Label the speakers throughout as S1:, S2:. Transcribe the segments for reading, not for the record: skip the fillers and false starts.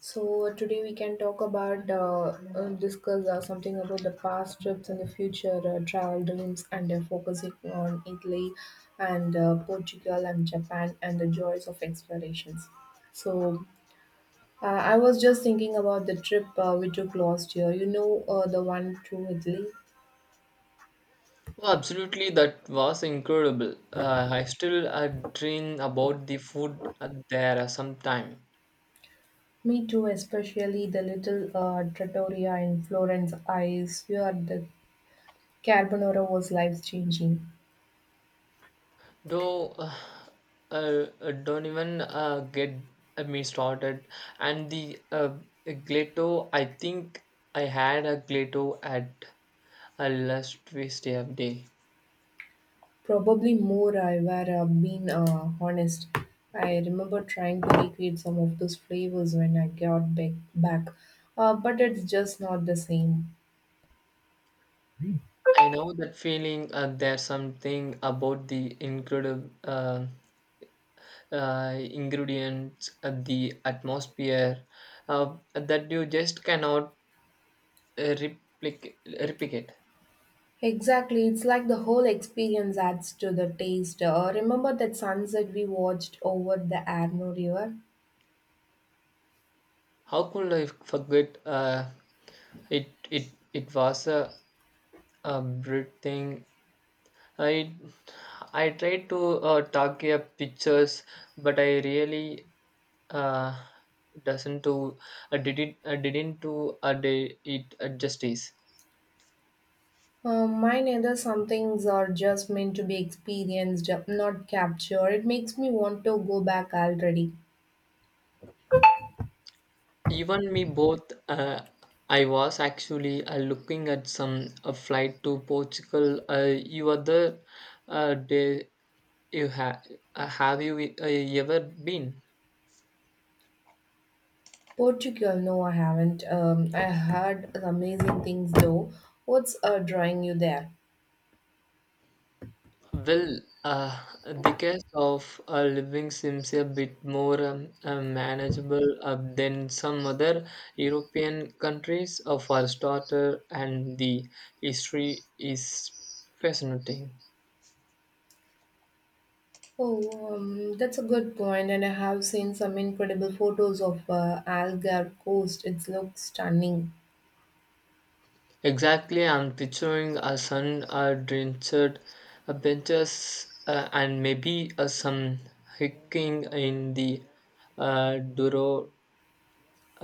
S1: So today we can talk about discuss something about the past trips and the future travel dreams and focusing on Italy and Portugal and Japan and the joys of explorations. So I was just thinking about the trip we took last year. The one to Italy.
S2: Oh, absolutely, that was incredible. I still dream about the food there sometime.
S1: Me too, especially the little trattoria in Florence. I swear the carbonara was life changing.
S2: Though don't even get me started. And the Glato, I think I had a Glato at a last Tuesday of day.
S1: Probably more I've been honest. I remember trying to recreate some of those flavors when I got back. But it's just not the same.
S2: I know that feeling. There's something about the incredible. Ingredients, the atmosphere that you just cannot replicate.
S1: Exactly, it's like the whole experience adds to the taste. Remember that sunset we watched over the Arno River?
S2: How could I forget? It was a Brit thing. I I tried to take a pictures, but I really uh, doesn't to did it. Didn't to did it justice.
S1: Mine either, some things are just meant to be experienced, not captured. It makes me want to go back already.
S2: Even me both. I was actually looking at some a flight to Portugal. You other day you ha- have you ever been?
S1: Portugal, no, I haven't. I heard amazing things though. What's drawing you there?
S2: Well, the cost of living seems a bit more manageable than some other European countries for starter, and the history is fascinating.
S1: Oh, that's a good point, and I have seen some incredible photos of Algarve coast. It looks stunning.
S2: Exactly, I'm picturing a sun drenched benches and maybe some hiking in the uh, Duro,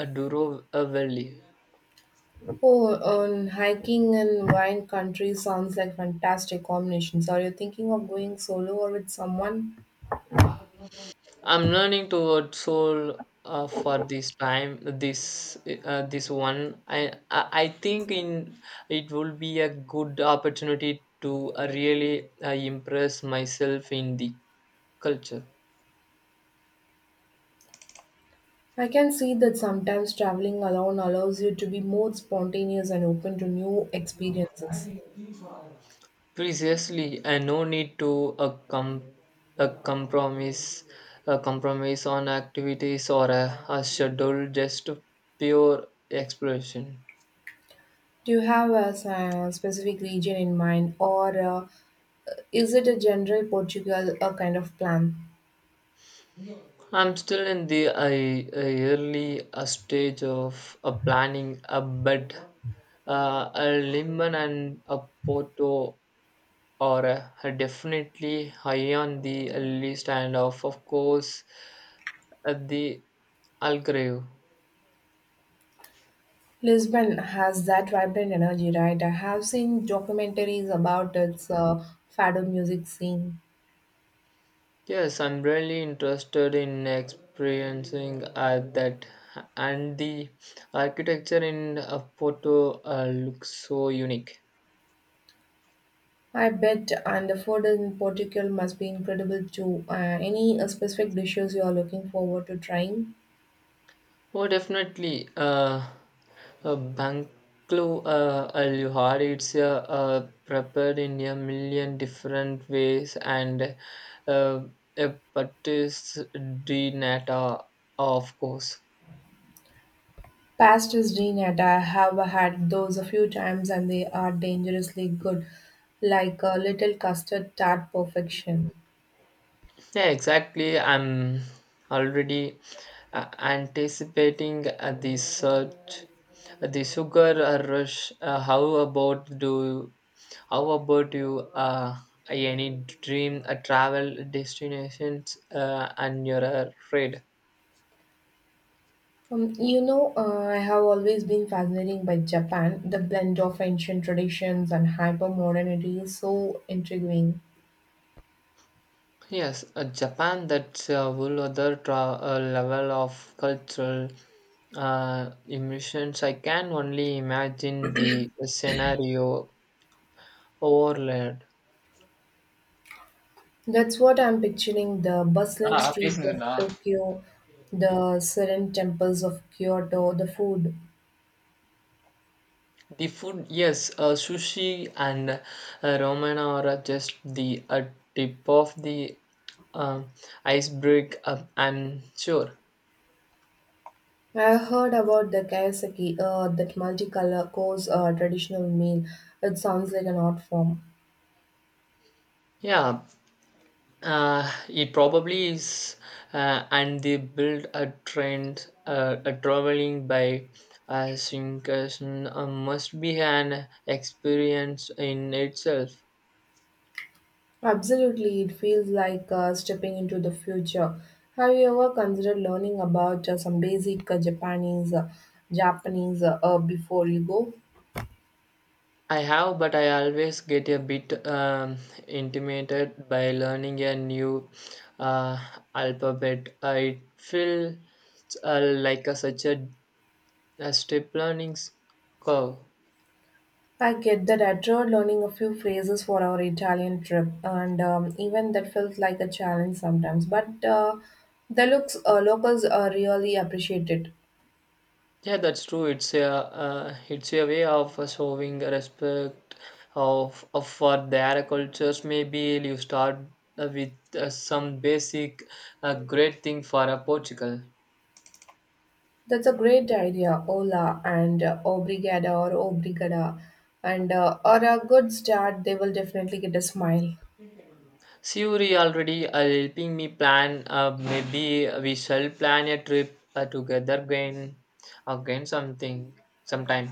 S2: Duro Valley.
S1: Oh, hiking and wine country sounds like fantastic combinations. Are you thinking of going solo or with someone?
S2: I'm learning toward soul for this time. This one, I think in it will be a good opportunity to really impress myself in the culture.
S1: I can see that sometimes traveling alone allows you to be more spontaneous and open to new experiences.
S2: Precisely, and no need to a, com- a compromise, a compromise on activities or a schedule, just pure exploration.
S1: Do you have a specific region in mind, or is it a general Portugal kind of plan?
S2: I'm still in the early stage of planning a bed, a lemon and a Porto or definitely high on the list, and of course, the Algarve.
S1: Lisbon has that vibrant energy, right? I have seen documentaries about its fado music scene.
S2: Yes, I'm really interested in experiencing that, and the architecture in Porto looks so unique.
S1: I bet, and the food in Portugal must be incredible too. Any specific dishes you are looking forward to trying?
S2: Oh, definitely. Banklo Aluhar, it's prepared in a million different ways, and uh, a Patis di Nata, of course.
S1: Pastas de nata, I have had those a few times, and they are dangerously good, like a little custard tart perfection.
S2: Yeah, exactly. I'm already anticipating the search, the sugar rush. How about do? How about you? Any dream travel destinations and your trade?
S1: I have always been fascinated by Japan. The blend of ancient traditions and hyper modernity is so intriguing.
S2: Yes, Japan. That's a whole other level of cultural immersions. I can only imagine the scenario overlaid.
S1: That's what I'm picturing, the bustling
S2: என்னடா
S1: streets of
S2: பேசுனதுடா?
S1: Tokyo, the serene temples of Kyoto, the food.
S2: The food, yes, sushi and ramen are just the uh, tip of the um iceberg, I'm sure.
S1: I heard about the kaiseki, that multicolor course traditional meal. It sounds like an art form.
S2: Yeah, uh, it probably is. And they build a trend, a traveling by synchronism must be an experience in itself.
S1: Absolutely, it feels like stepping into the future. Have you ever considered learning about some basic Japanese before you go?
S2: I have, but I always get a bit intimidated by learning a new uh, alphabet. I feel like such a step learning curve.
S1: I get that. I tried learning a few phrases for our Italian trip, and even that felt like a challenge sometimes. But the looks locals really appreciate it.
S2: Yeah, that's true. It's a way of showing respect of for their cultures. Maybe you start with some basic great thing for a Portugal.
S1: That's a great idea. Hola and obrigada or obrigada, and or a good start. They will definitely get a smile.
S2: Suri already helping me plan. Maybe we shall plan a trip together again something, sometime.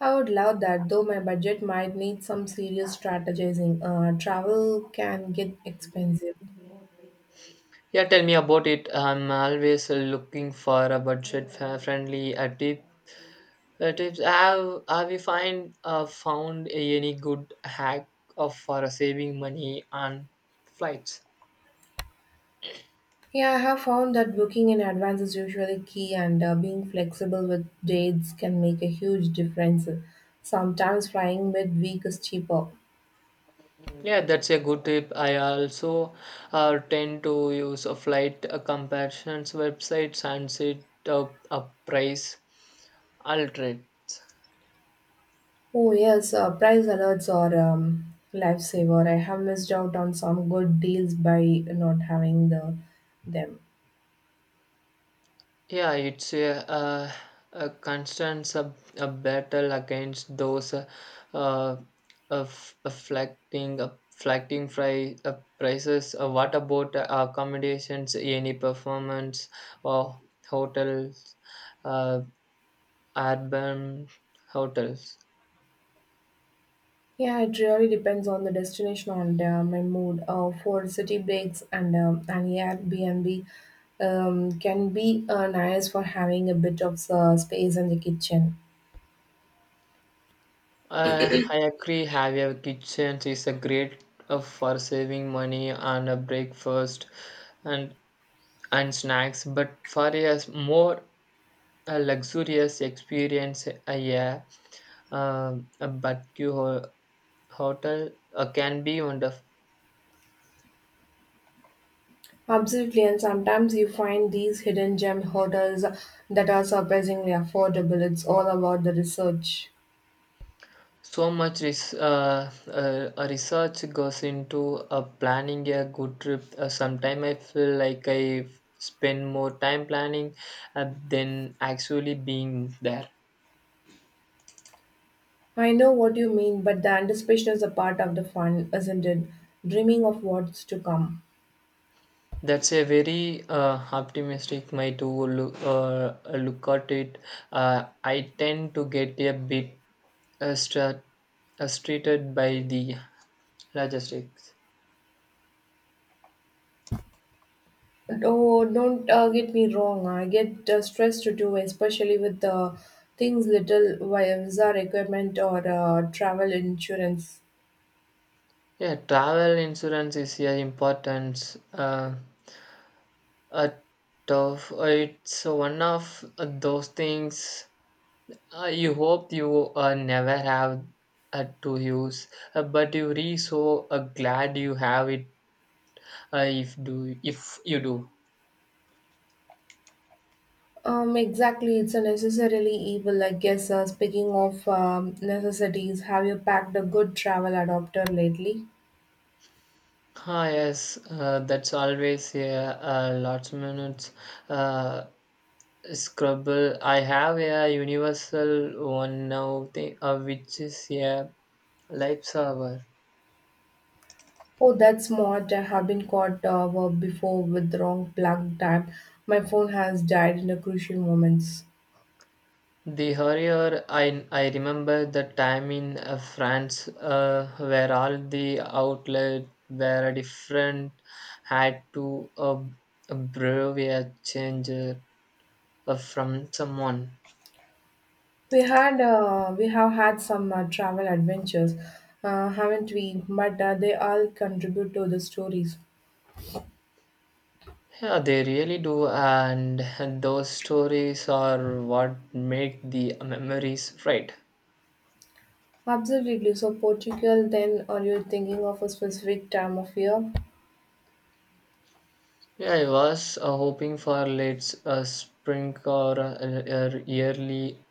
S1: I would love that, though my budget might need some serious strategizing. Travel can get expensive.
S2: Yeah, tell me about it. I'm always looking for a budget-friendly tip. Tips. Have you find found any good hack of for saving money on flights?
S1: Yeah, I have found that booking in advance is usually key, and being flexible with dates can make a huge difference. Sometimes flying midweek is cheaper.
S2: Yeah, that's a good tip. I also tend to use a flight comparisons websites and set up a price alternate.
S1: Oh, yes, price alerts are lifesaver. I have missed out on some good deals by not having them.
S2: Yeah, it's a constant sub a battle against those uh, of afflicting fluctuating prices. What about accommodations? Any performance or hotels? Uh, Urban hotels.
S1: Yeah, it really depends on the destination and my mood. For city breaks and an Airbnb can be nice for having a bit of space in the kitchen.
S2: I agree. Have a kitchen is a great for saving money on a breakfast and and snacks. But for more luxurious experience, yeah, a barbecue hotel can be wonderful.
S1: Absolutely, and sometimes you find these hidden gem hotels that are surprisingly affordable. It's all about the research.
S2: So much research goes into planning a good trip. Sometimes I feel like I spend more time planning than actually being there.
S1: I know what you mean, but the anticipation is a part of the fun, isn't it? Dreaming of what's to come.
S2: That's a very optimistic way to look at it. I tend to get a bit uh, stra- treated by the logistics.
S1: Oh, don't get me wrong. I get stressed too, especially with things little visa requirement or travel insurance.
S2: Yeah, travel insurance is a important. A tough. It's one of those things you hope you never have to use, but you re so glad you have it if you do.
S1: Exactly. It's a necessarily evil, I guess. Speaking of necessities, have you packed a good travel adapter lately?
S2: Ah, yes, that's always a last minute uh, scribble. I have a universal one now, thing, which is a lifesaver.
S1: Oh, that's smart. I have been caught before with the wrong plug time. My phone has died in the crucial moments.
S2: The hurrier I remember the time in France where all the outlets were different, had to brave a change from someone.
S1: We have had some travel adventures, haven't we? But they all contribute to the stories.
S2: Yeah, they really do, and those stories are what make the memories right.
S1: Absolutely. So Portugal, then are you thinking of a specific time of year?
S2: Yeah, I was hoping for let's spring or early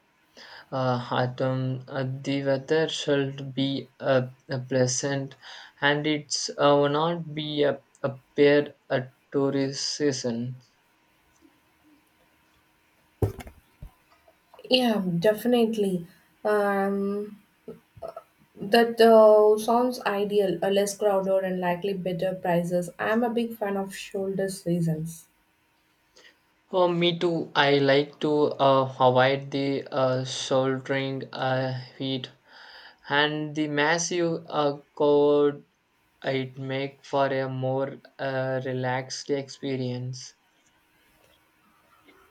S2: autumn. The weather should be pleasant, and it's will not be a bad tourist season.
S1: Yeah, definitely. Um, that sounds ideal. A less crowded and likely better prices. I'm a big fan of shoulder seasons.
S2: Oh, me too. I like to avoid the shouldering heat and the massive code it make for a more relaxed experience.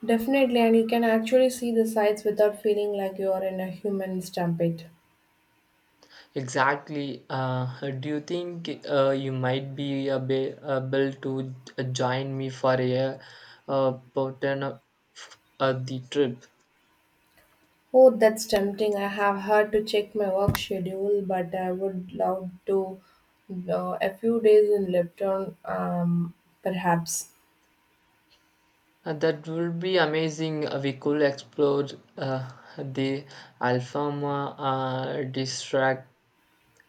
S1: Definitely, and you can actually see the sights without feeling like you are in a human stampede.
S2: Exactly, do you think you might be able to join me for a pattern of the trip.
S1: Oh, that's tempting. I have had to check my work schedule, but I would love to a few days in Lipton, perhaps.
S2: That would be amazing. We could explore uh, the Alfama uh, district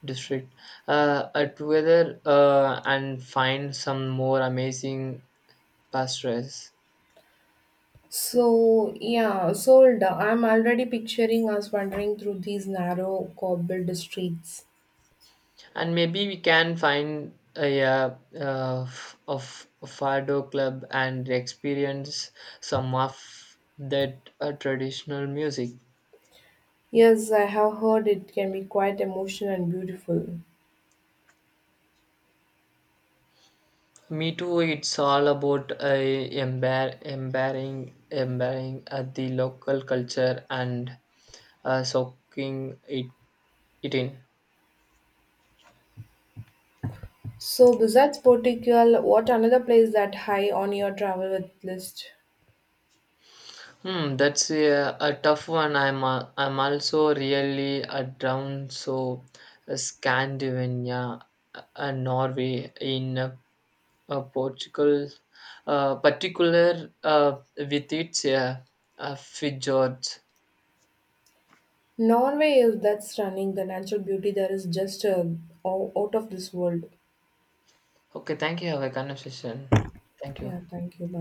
S2: district together and find some more amazing pastures.
S1: So, yeah, sold. I'm already picturing us wandering through these narrow, cobbled streets.
S2: And maybe we can find a, f- of a fado club and experience some of that traditional music.
S1: Yes, I have heard it can be quite emotional and beautiful.
S2: Me too, it's all about embarrassing the local culture and soaking it in.
S1: So, besides Portugal, what another place that high on your travel with list?
S2: Hmm, that's a tough one. I'm also really a down so Scandinavia Norway in Portugal particular with its fjords.
S1: Norway is that's stunning. The natural beauty there is just out of this world.
S2: Okay, thank you. Have a conversation. Thank you.
S1: Yeah, thank you. Bye.